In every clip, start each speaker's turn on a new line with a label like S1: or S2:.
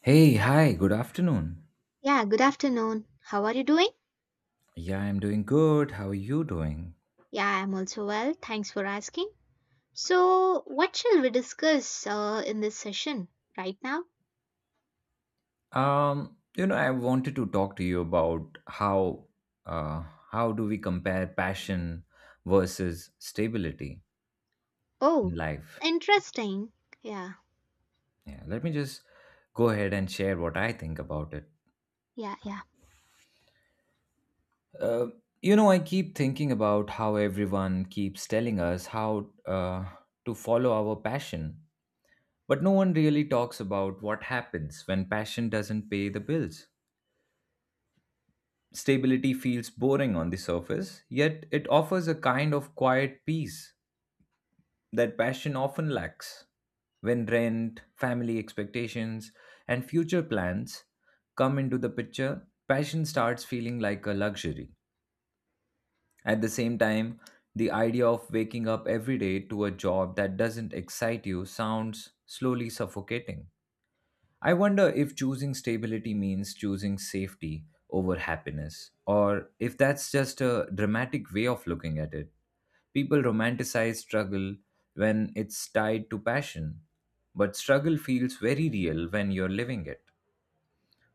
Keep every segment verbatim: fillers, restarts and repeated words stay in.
S1: Hey, hi, good afternoon.
S2: Yeah, good afternoon. How are you doing?
S1: Yeah, I'm doing good. How are you doing?
S2: Yeah, I'm also well. Thanks for asking. So, what shall we discuss uh, in this session right now?
S1: Um, you know, I wanted to talk to you about how uh how do we compare passion versus stability
S2: Oh,
S1: in life?
S2: it's interesting. Yeah,
S1: Yeah, let me just go ahead and share what I think about it.
S2: yeah, yeah,
S1: Uh, you know, I keep thinking about how everyone keeps telling us how uh, to follow our passion, but no one really talks about what happens when passion doesn't pay the bills. Stability feels boring on the surface, yet it offers a kind of quiet peace that passion often lacks. When rent, family expectations, and future plans come into the picture, passion starts feeling like a luxury. At the same time, the idea of waking up every day to a job that doesn't excite you sounds slowly suffocating. I wonder if choosing stability means choosing safety over happiness, or if that's just a dramatic way of looking at it. People romanticize struggle when it's tied to passion, but struggle feels very real when you're living it.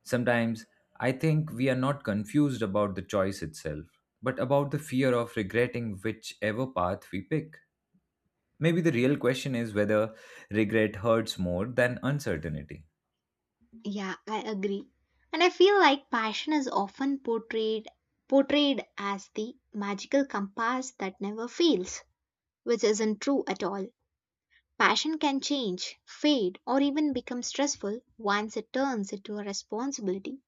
S1: Sometimes I think we are not confused about the choice itself, but about the fear of regretting whichever path we pick. Maybe the real question is whether regret hurts more than uncertainty.
S2: yeah, I agree. And I feel like passion is often portrayed portrayed as the magical compass that never fails, which isn't true at all. Passion can change, fade, or even become stressful once it turns into a responsibility.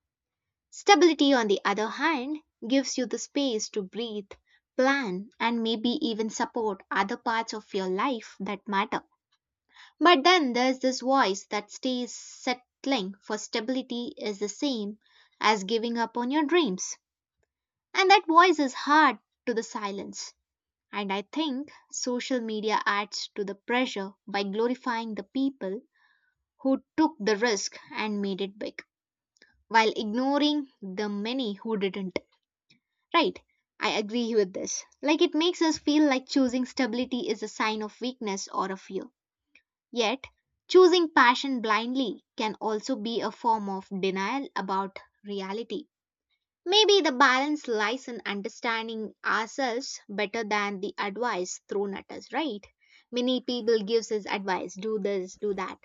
S2: Stability, on the other hand, gives you the space to breathe, plan, and maybe even support other parts of your life that matter. But then there's this voice that stays settling for stability is the same as giving up on your dreams. And that voice is hard to the silence. And I think social media adds to the pressure by glorifying the people who took the risk and made it big, while ignoring the many who didn't. Right, I agree with this. Like it makes us feel like choosing stability is a sign of weakness or a fear. Yet, choosing passion blindly can also be a form of denial about reality. Maybe the balance lies in understanding ourselves better than the advice thrown at us, right? Many people gives us advice, do this, do that.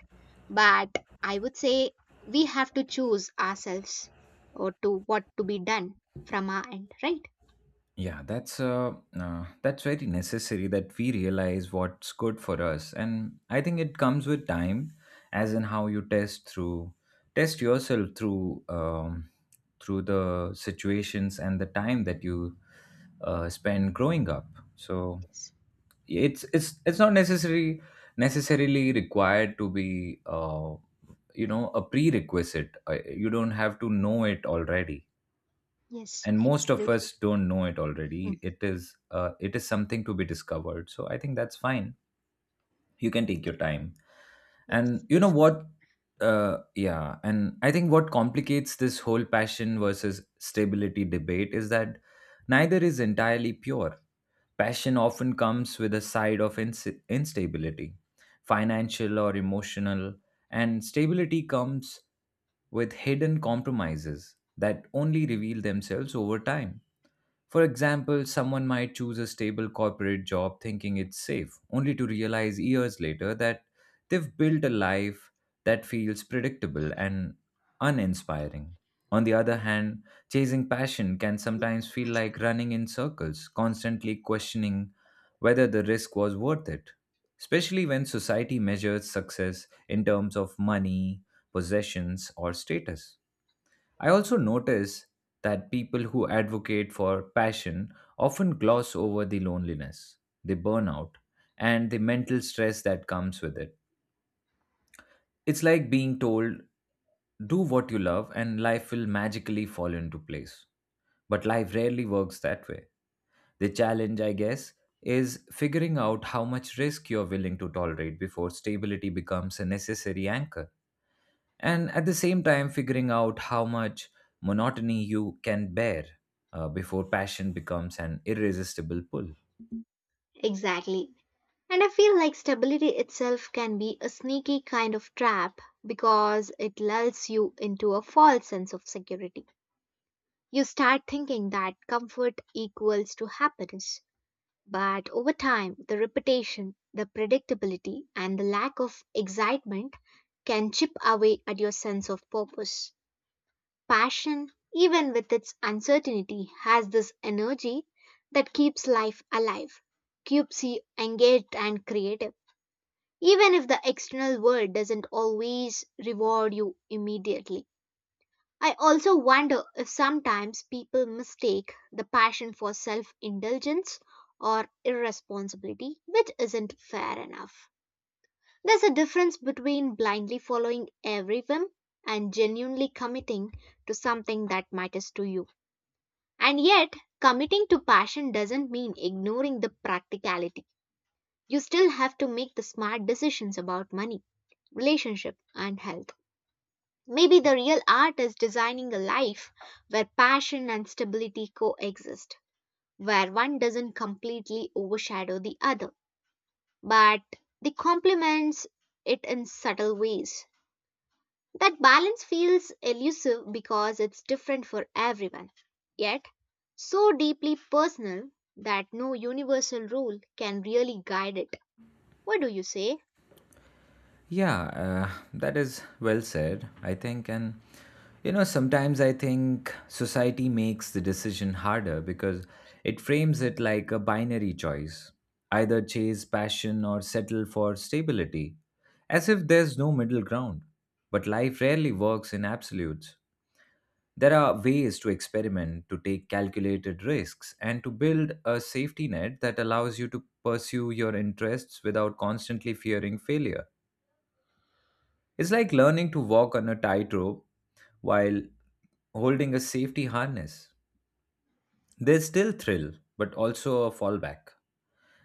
S2: But I would say we have to choose ourselves or to what to be done from our end, right?
S1: Yeah, that's uh, uh, that's very necessary that we realize what's good for us, and I think it comes with time, as in how you test through test yourself through um, through the situations and the time that you uh, spend growing up. So
S2: Yes.
S1: it's it's it's not necessary necessarily required to be uh, you know a prerequisite. Uh, You don't have to know it already,
S2: Yes,
S1: and most of
S2: absolutely.
S1: us don't know it already.
S2: Mhm.
S1: It is uh, it is something to be discovered, so I think that's fine. You can take your time
S2: Yes,
S1: and you know
S2: ex-
S1: what, uh, yeah, and I think what complicates this whole passion versus stability debate is that neither is entirely pure. Passion often comes with a side of ins- instability, financial or emotional, and stability comes with hidden compromises that only reveal themselves over time. For example, someone might choose a stable corporate job thinking it's safe, only to realize years later that they've built a life that feels predictable and uninspiring. On the other hand, chasing passion can sometimes feel like running in circles, constantly questioning whether the risk was worth it, especially when society measures success in terms of money, possessions, or status. I also notice that people who advocate for passion often gloss over the loneliness, the burnout, and the mental stress that comes with it. It's like being told, do what you love and life will magically fall into place. But life rarely works that way. The challenge, I guess, is figuring out how much risk you're willing to tolerate before stability becomes a necessary anchor, and at the same time figuring out how much monotony you can bear uh, before passion becomes an irresistible pull.
S2: exactly. And I feel like stability itself can be a sneaky kind of trap because it lulls you into a false sense of security. You start thinking that comfort equals to happiness. But over time, the repetition, the predictability, and the lack of excitement can chip away at your sense of purpose. Passion, even with its uncertainty, has this energy that keeps life alive, keeps you engaged and creative, even if the external world doesn't always reward you immediately. I also wonder if sometimes people mistake the passion for self indulgence or irresponsibility, which isn't fair enough. There's a difference between blindly following every whim and genuinely committing to something that matters to you. And yet, committing to passion doesn't mean ignoring the practicality. You still have to make the smart decisions about money, relationship, and health. Maybe the real art is designing a life where passion and stability coexist, where one doesn't completely overshadow the other, but they complements it in subtle ways. That balance feels elusive because it's different for everyone, yet so deeply personal that no universal rule can really guide it. What do you say?
S1: yeah uh, that is well said, I think. And you know, sometimes I think society makes the decision harder because it frames it like a binary choice, either chase passion or settle for stability, as if there's no middle ground, but life rarely works in absolutes. There are ways to experiment, to take calculated risks, and to build a safety net that allows you to pursue your interests without constantly fearing failure. It's like learning to walk on a tightrope while holding a safety harness. There's still thrill, but also a fallback.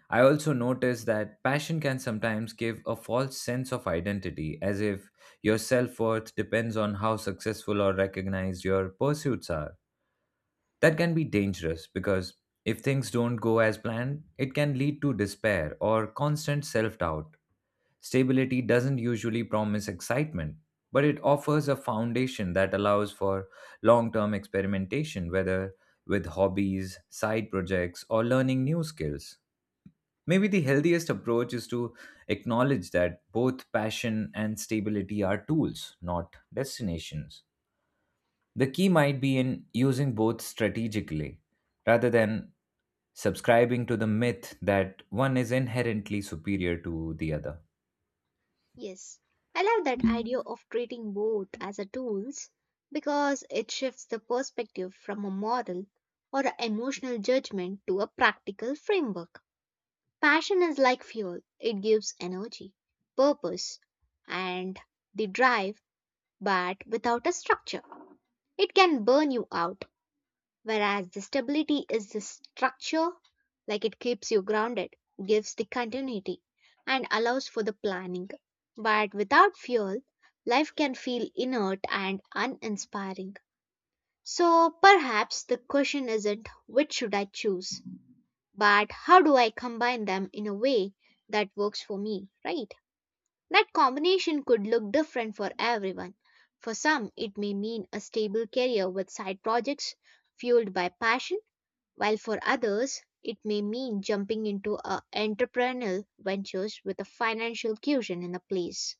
S1: I also noticed that passion can sometimes give a false sense of identity, as if your self worth depends on how successful or recognized your pursuits are. That can be dangerous because if things don't go as planned, it can lead to despair or constant self doubt. Stability doesn't usually promise excitement, but it offers a foundation that allows for long term experimentation, whether with hobbies, side projects, or learning new skills. Maybe the healthiest approach is to acknowledge that both passion and stability are tools, not destinations. The key might be in using both strategically rather than subscribing to the myth that one is inherently superior to the other.
S2: Yes, I love that idea of treating both as a tools because it shifts the perspective from a moral or a emotional judgment to a practical framework. Passion is like fuel, it gives energy, purpose, and the drive, but without a structure. It can burn you out, whereas the stability is the structure, like it keeps you grounded, gives the continuity, and allows for the planning. But without fuel, life can feel inert and uninspiring. So perhaps the question isn't which should I choose, but how do I combine them in a way that works for me, right? That combination could look different for everyone. For some, it may mean a stable career with side projects fueled by passion, while for others, it may mean jumping into a entrepreneurial ventures with a financial cushion in the place.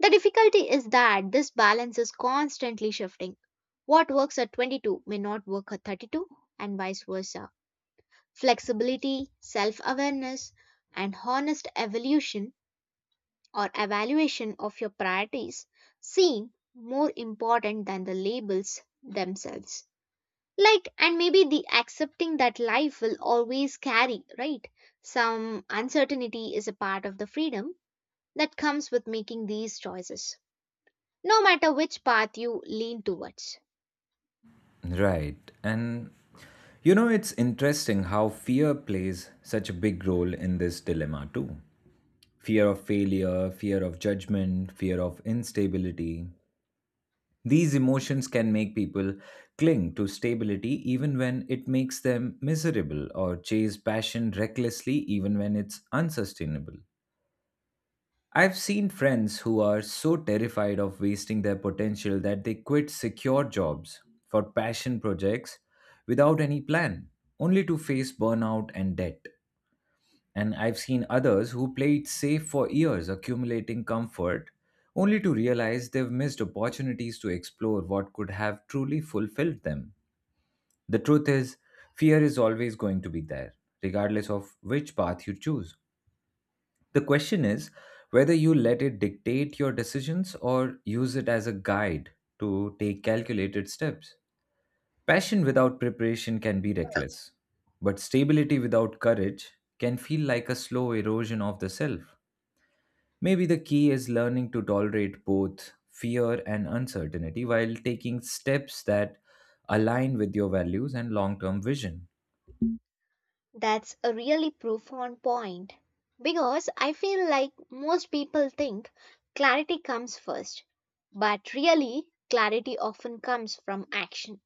S2: The difficulty is that this balance is constantly shifting. What works at twenty-two may not work at thirty-two, and vice versa. Flexibility, self awareness, and honest evolution or evaluation of your priorities seem more important than the labels themselves. Like, and maybe the accepting that life will always carry, right? Some uncertainty is a part of the freedom that comes with making these choices, no matter which path you lean towards.
S1: Right. And you know, it's interesting how fear plays such a big role in this dilemma, too. Fear of failure, fear of judgment, fear of instability. These emotions can make people cling to stability even when it makes them miserable, or chase passion recklessly even when it's unsustainable. I've seen friends who are so terrified of wasting their potential that they quit secure jobs for passion projects without any plan, only to face burnout and debt. And I've seen others who play it safe for years, accumulating comfort, only to realize they've missed opportunities to explore what could have truly fulfilled them. The truth is, fear is always going to be there, regardless of which path you choose. The question is whether you let it dictate your decisions or use it as a guide to take calculated steps. Passion without preparation can be reckless, but stability without courage can feel like a slow erosion of the self. Maybe the key is learning to tolerate both fear and uncertainty while taking steps that align with your values and long term vision.
S2: That's a really profound point because I feel like most people think clarity comes first, but really, clarity often comes from action.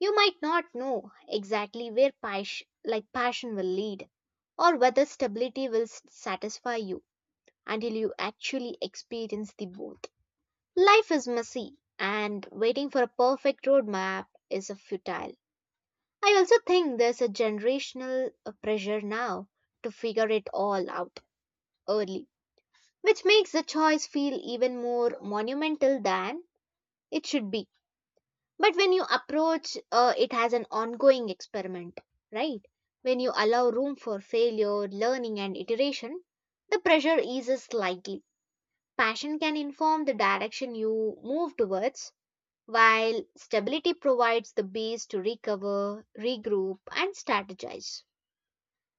S2: You might not know exactly where passion, like passion will lead or whether stability will s- satisfy you until you actually experience the both. Life is messy and waiting for a perfect roadmap is a futile. I also think there's a generational uh, pressure now to figure it all out early, which makes the choice feel even more monumental than it should be. But when you approach uh, it as an ongoing experiment, right? When you allow room for failure, learning, and iteration, the pressure eases slightly. Passion can inform the direction you move towards, while stability provides the base to recover, regroup, and strategize.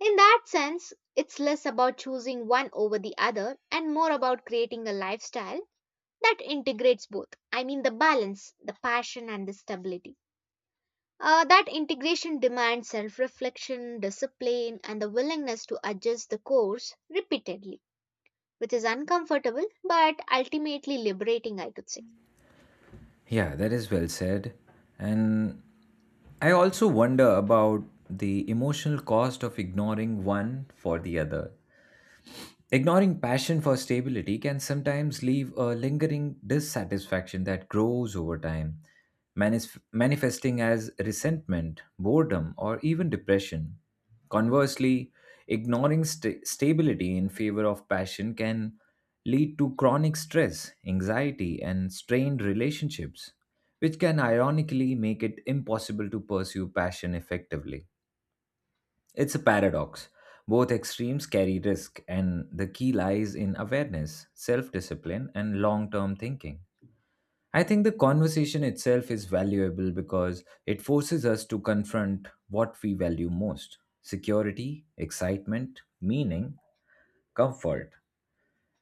S2: In that sense, it's less about choosing one over the other and more about creating a lifestyle that integrates both. I mean, the balance, the passion, and the stability. Uh, that integration demands self reflection, discipline, and the willingness to adjust the course repeatedly, which is uncomfortable but ultimately liberating, I could say.
S1: Yeah, that is well said. And I also wonder about the emotional cost of ignoring one for the other. Ignoring passion for stability can sometimes leave a lingering dissatisfaction that grows over time, manif- manifesting as resentment, boredom, or even depression. Conversely, ignoring sta- stability in favor of passion can lead to chronic stress, anxiety, and strained relationships, which can ironically make it impossible to pursue passion effectively. It's a paradox. Both extremes carry risk, and the key lies in awareness, self discipline, and long term thinking. I think the conversation itself is valuable because it forces us to confront what we value most: security, excitement, meaning, comfort,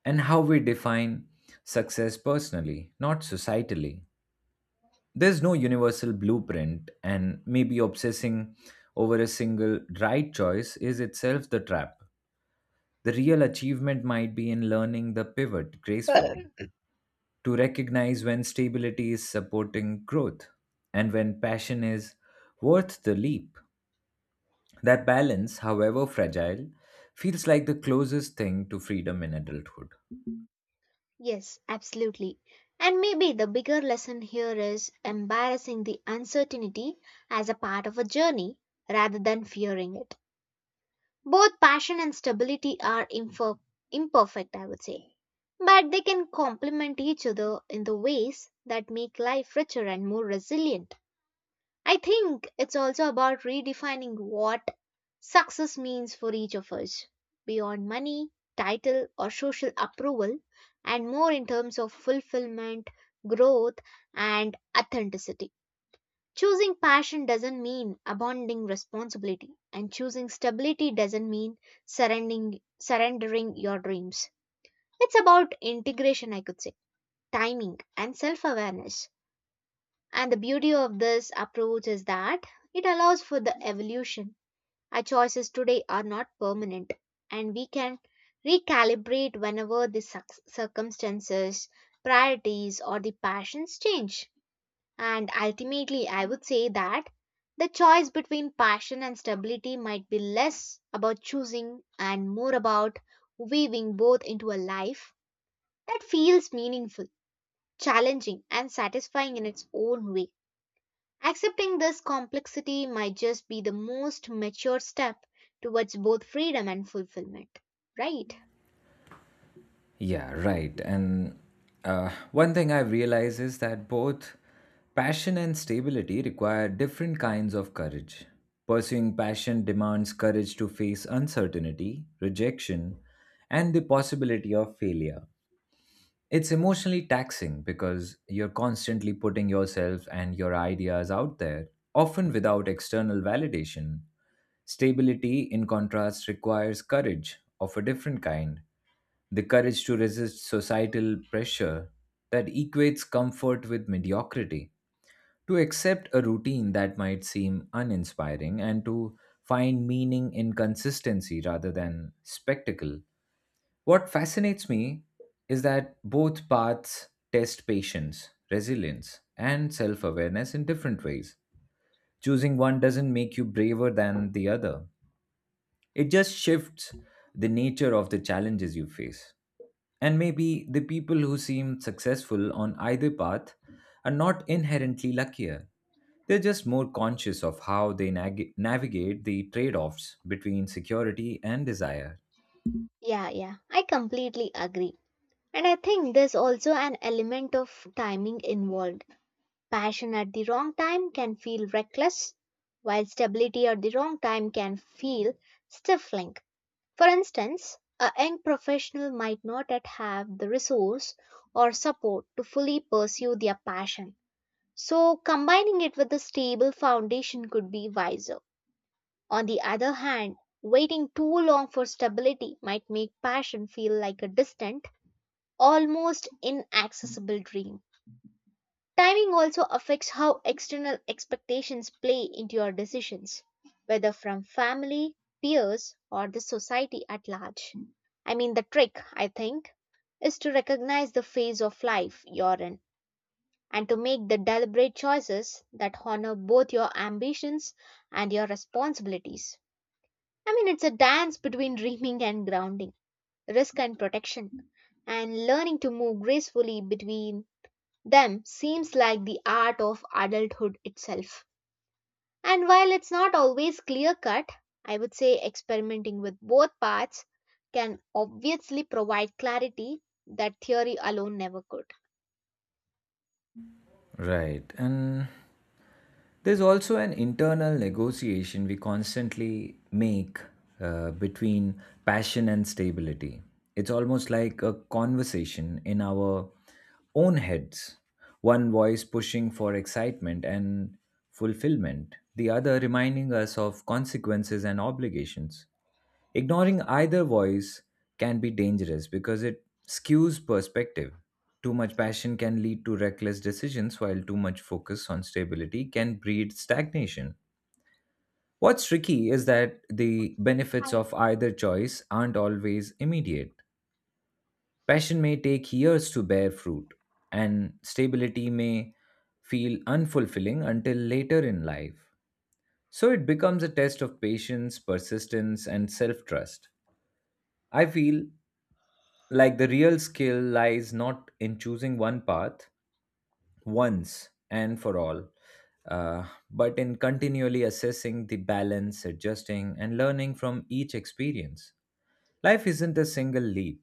S1: and how we define success personally, not societally. There's no universal blueprint, and maybe obsessing over a single right choice is itself the trap. The real achievement might be in learning the pivot gracefully, to recognize when stability is supporting growth and when passion is worth the leap. That balance, however fragile, feels like the closest thing to freedom in adulthood.
S2: Yes, absolutely. And maybe the bigger lesson here is embarrassing the uncertainty as a part of a journey rather than fearing it. Both passion and stability are imper- imperfect, I would say, but they can complement each other in the ways that make life richer and more resilient. I think it's also about redefining what success means for each of us beyond money, title, or social approval, and more in terms of fulfillment, growth, and authenticity. Choosing passion doesn't mean abandoning responsibility, and choosing stability doesn't mean surrendering, surrendering your dreams. It's about integration, I could say, timing, and self awareness. And the beauty of this approach is that it allows for the evolution. Our choices today are not permanent, and we can recalibrate whenever the cir- circumstances, priorities, or the passions change. And ultimately, I would say that the choice between passion and stability might be less about choosing and more about weaving both into a life that feels meaningful, challenging, and satisfying in its own way. Accepting this complexity might just be the most mature step towards both freedom and fulfillment, right?
S1: Yeah, right. And uh, one thing I've realized is that both passion and stability require different kinds of courage. Pursuing passion demands courage to face uncertainty, rejection, and the possibility of failure. It's emotionally taxing because you're constantly putting yourself and your ideas out there, often without external validation. Stability, in contrast, requires courage of a different kind, the courage to resist societal pressure that equates comfort with mediocrity, to accept a routine that might seem uninspiring, and to find meaning in consistency rather than spectacle. What fascinates me is that both paths test patience, resilience, and self awareness in different ways. Choosing one doesn't make you braver than the other, it just shifts the nature of the challenges you face. And maybe the people who seem successful on either path are not inherently luckier, they're just more conscious of how they nag- navigate the trade offs between security and desire.
S2: Yeah, yeah, I completely agree. And I think there's also an element of timing involved. Passion at the wrong time can feel reckless, while stability at the wrong time can feel stifling. For instance, a young professional might not yet have the resource or support to fully pursue their passion. So, combining it with a stable foundation could be wiser. On the other hand, waiting too long for stability might make passion feel like a distant, almost inaccessible dream. Timing also affects how external expectations play into your decisions, whether from family, peers, or the society at large. I mean, the trick, I think, is to recognize the phase of life you're in and to make the deliberate choices that honor both your ambitions and your responsibilities. I mean, it's a dance between dreaming and grounding, risk and protection, and learning to move gracefully between them seems like the art of adulthood itself. And while it's not always clear cut, I would say experimenting with both paths can obviously provide clarity that theory alone never could.
S1: Right. And there's also an internal negotiation we constantly make uh, between passion and stability. It's almost like a conversation in our own heads, one voice pushing for excitement and fulfillment, the other reminding us of consequences and obligations. Ignoring either voice can be dangerous because it skews perspective. Too much passion can lead to reckless decisions, while too much focus on stability can breed stagnation. What's tricky is that the benefits of either choice aren't always immediate. Passion may take years to bear fruit, and stability may feel unfulfilling until later in life. So it becomes a test of patience, persistence, and self trust. I feel like the real skill lies not in choosing one path once and for all, uh, but in continually assessing the balance, adjusting, and learning from each experience. Life isn't a single leap,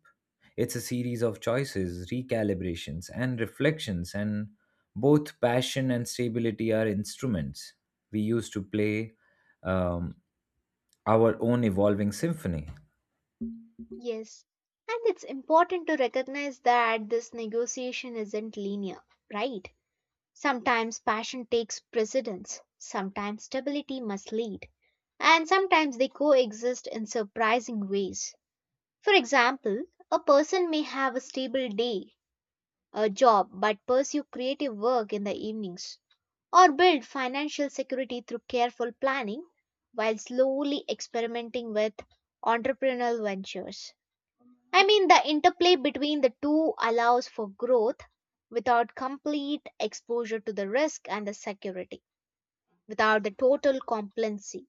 S1: it's a series of choices, recalibrations, and reflections, and both passion and stability are instruments we use to play um, our own evolving symphony.
S2: Yes, and it's important to recognize that this negotiation isn't linear, right? Sometimes passion takes precedence, sometimes stability must lead, and sometimes they coexist in surprising ways. For example, a person may have a stable day, a job, but pursue creative work in the evenings, or build financial security through careful planning while slowly experimenting with entrepreneurial ventures. I mean, the interplay between the two allows for growth without complete exposure to the risk and the security, without the total complacency.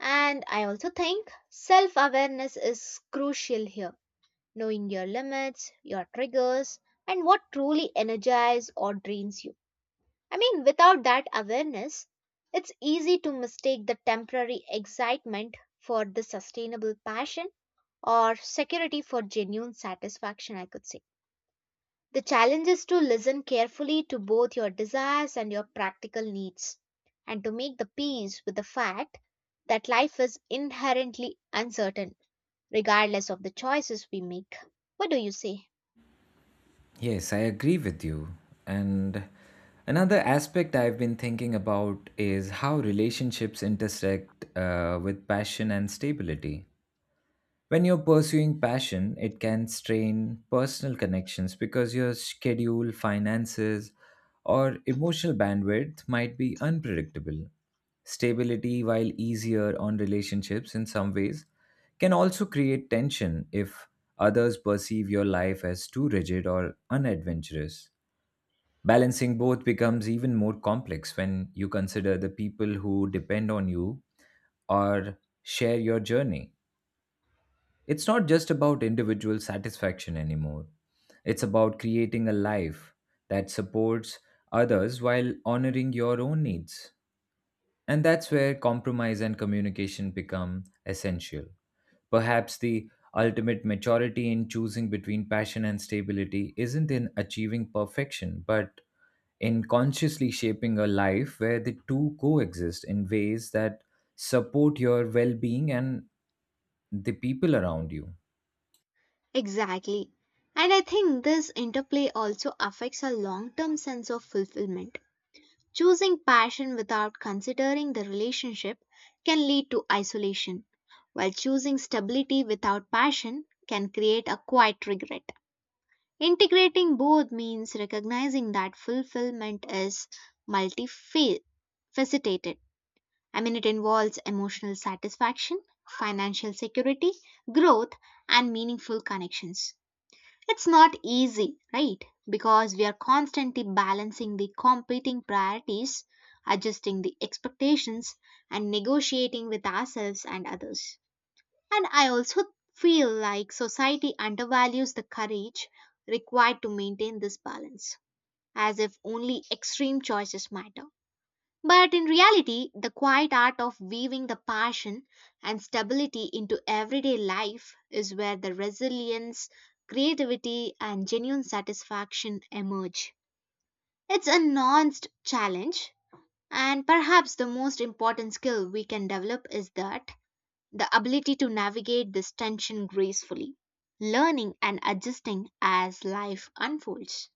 S2: And I also think self awareness is crucial here, knowing your limits, your triggers, and what truly energizes or drains you. I mean, without that awareness, it's easy to mistake the temporary excitement for the sustainable passion or security for genuine satisfaction, I could say. The challenge is to listen carefully to both your desires and your practical needs, and to make the peace with the fact that life is inherently uncertain, regardless of the choices we make. What do you say?
S1: Yes, I agree with you. And another aspect I've been thinking about is how relationships intersect uh, with passion and stability. When you're pursuing passion, it can strain personal connections because your schedule, finances, or emotional bandwidth might be unpredictable. Stability, while easier on relationships in some ways, can also create tension if others perceive your life as too rigid or unadventurous. Balancing both becomes even more complex when you consider the people who depend on you or share your journey. It's not just about individual satisfaction anymore. It's about creating a life that supports others while honoring your own needs. And that's where compromise and communication become essential. Perhaps the ultimate maturity in choosing between passion and stability isn't in achieving perfection, but in consciously shaping a life where the two coexist in ways that support your well being and the people around you.
S2: Exactly. And I think this interplay also affects our long term sense of fulfillment. Choosing passion without considering the relationship can lead to isolation, while choosing stability without passion can create a quiet regret. Integrating both means recognizing that fulfillment is multifaceted. I mean, it involves emotional satisfaction, financial security, growth, and meaningful connections. It's not easy, right? Because we are constantly balancing the competing priorities, adjusting the expectations, and negotiating with ourselves and others. And I also feel like society undervalues the courage required to maintain this balance, as if only extreme choices matter. But in reality, the quiet art of weaving the passion and stability into everyday life is where the resilience, creativity, and genuine satisfaction emerge. It's a nuanced challenge, and perhaps the most important skill we can develop is that the ability to navigate this tension gracefully, learning and adjusting as life unfolds.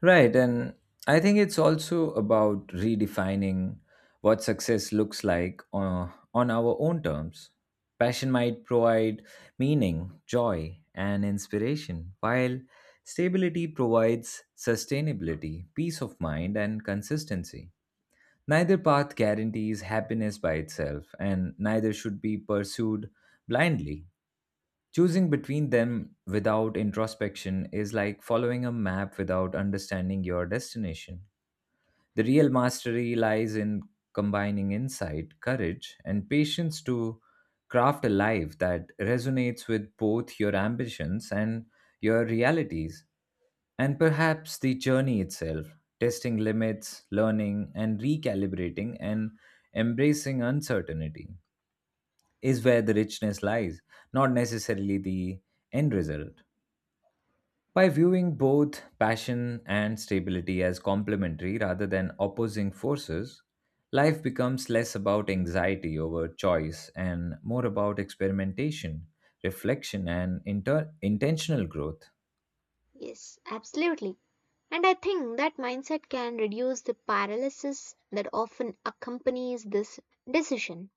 S1: Right. And I think it's also about redefining what success looks like on, on our own terms. Passion might provide meaning, joy, and inspiration, while stability provides sustainability, peace of mind, and consistency. Neither path guarantees happiness by itself, and neither should be pursued blindly. Choosing between them without introspection is like following a map without understanding your destination. The real mastery lies in combining insight, courage, and patience to craft a life that resonates with both your ambitions and your realities, and perhaps the journey itself, testing limits, learning, and recalibrating and embracing uncertainty, is where the richness lies, not necessarily the end result. By viewing both passion and stability as complementary rather than opposing forces, life becomes less about anxiety over choice and more about experimentation, reflection, and inter- intentional growth.
S2: Yes, absolutely. And I think that mindset can reduce the paralysis that often accompanies this decision.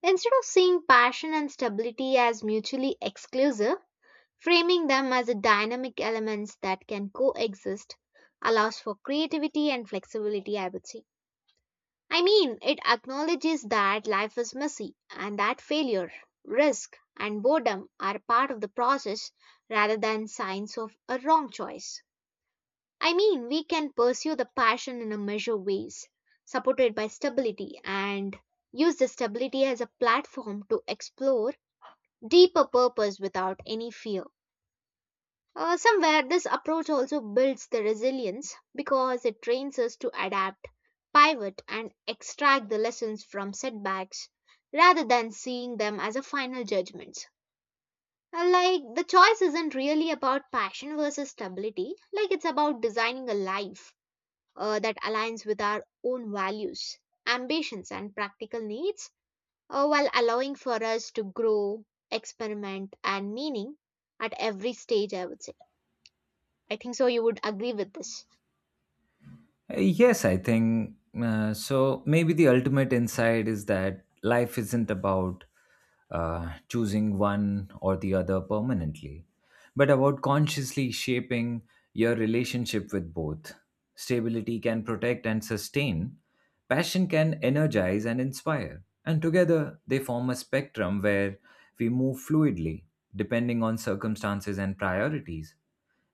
S2: Instead of seeing passion and stability as mutually exclusive, framing them as a dynamic elements that can coexist allows for creativity and flexibility, I would say. I mean, it acknowledges that life is messy and that failure, risk, and boredom are part of the process rather than signs of a wrong choice. I mean, we can pursue the passion in a measured ways, supported by stability, and use the stability as a platform to explore deeper purpose without any fear. Uh, somewhere, this approach also builds the resilience because it trains us to adapt, pivot, and extract the lessons from setbacks rather than seeing them as a final judgment. Uh, Like, the choice isn't really about passion versus stability, like, it's about designing a life uh, that aligns with our own values, ambitions, and practical needs, uh, while allowing for us to grow, experiment, and meaning at every stage, I would say. I think so you would agree with this.
S1: Uh, Yes, I think uh, so. Maybe the ultimate insight is that life isn't about uh, choosing one or the other permanently, but about consciously shaping your relationship with both. Stability can protect and sustain, passion can energize and inspire, and together they form a spectrum where we move fluidly depending on circumstances and priorities.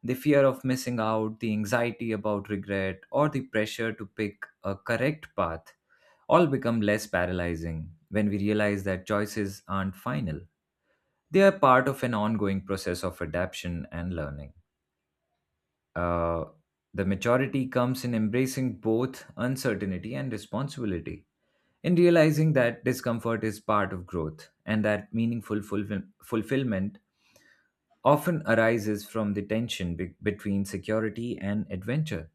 S1: The fear of missing out, the anxiety about regret, or the pressure to pick a correct path all become less paralyzing when we realize that choices aren't final. They are part of an ongoing process of adaptation and learning. Uh, the maturity comes in embracing both uncertainty and responsibility, in realizing that discomfort is part of growth and that meaningful fulfill- fulfillment often arises from the tension be- between security and adventure.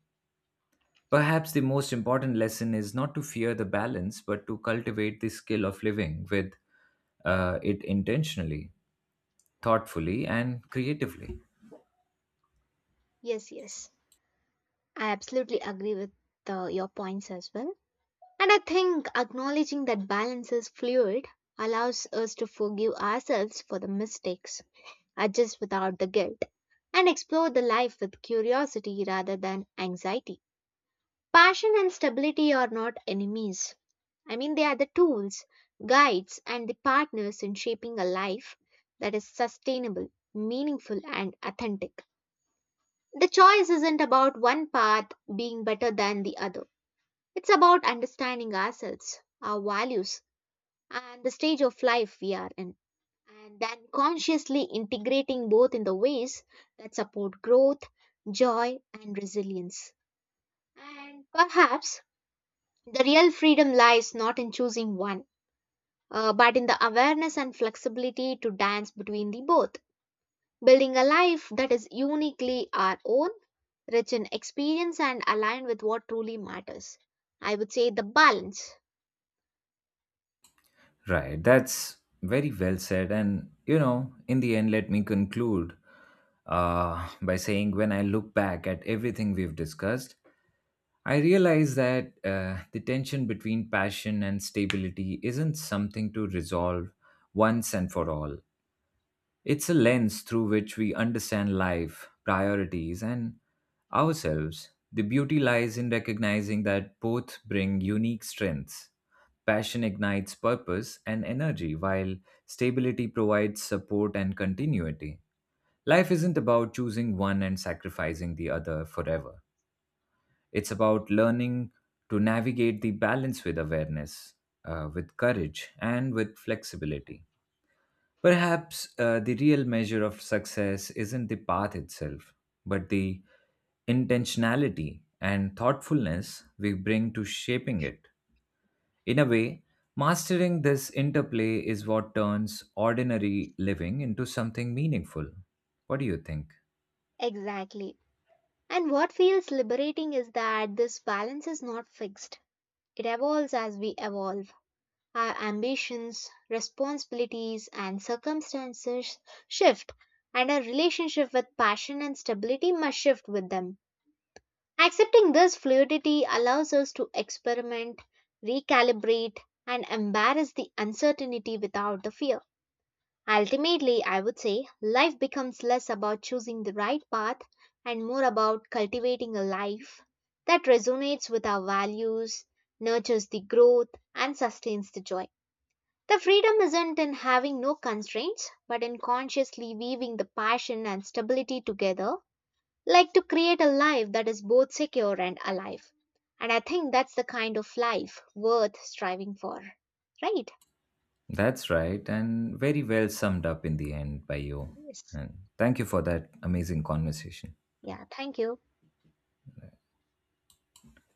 S1: Perhaps the most important lesson is not to fear the balance, but to cultivate the skill of living with uh, it intentionally, thoughtfully, and creatively.
S2: Yes, yes. I absolutely agree with uh, your points as well. And I think acknowledging that balance is fluid allows us to forgive ourselves for the mistakes, adjust without the guilt, and explore the life with curiosity rather than anxiety. Passion and stability are not enemies. I mean, they are the tools, guides, and the partners in shaping a life that is sustainable, meaningful, and authentic. The choice isn't about one path being better than the other. It's about understanding ourselves, our values, and the stage of life we are in, and then consciously integrating both in the ways that support growth, joy, and resilience. And perhaps the real freedom lies not in choosing one, uh, but in the awareness and flexibility to dance between the both. Building a life that is uniquely our own, rich in experience and aligned with what truly matters. I would say the balance.
S1: Right, that's very well said. And, you know, in the end, let me conclude uh, by saying, when I look back at everything we've discussed, I realize that uh, the tension between passion and stability isn't something to resolve once and for all. It's a lens through which we understand life, priorities, and ourselves. The beauty lies in recognizing that both bring unique strengths. Passion ignites purpose and energy, while stability provides support and continuity. Life isn't about choosing one and sacrificing the other forever. It's about learning to navigate the balance with awareness, uh, with courage, and with flexibility. Perhaps uh, the real measure of success isn't the path itself, but the intentionality and thoughtfulness we bring to shaping it. In a way, mastering this interplay is what turns ordinary living into something meaningful. What do you think?
S2: Exactly. And what feels liberating is that this balance is not fixed, it evolves as we evolve. Our ambitions, responsibilities, and circumstances shift, and our relationship with passion and stability must shift with them. Accepting this fluidity allows us to experiment, recalibrate, and embrace the uncertainty without the fear. Ultimately, I would say life becomes less about choosing the right path and more about cultivating a life that resonates with our values, nurtures the growth, and sustains the joy. The freedom isn't in having no constraints, but in consciously weaving the passion and stability together like to create a life that is both secure and alive. And I think that's the kind of life worth striving for, right?
S1: That's right, and very well summed up in the end by you.
S2: Yes.
S1: And thank you for that amazing conversation.
S2: Yeah, thank you.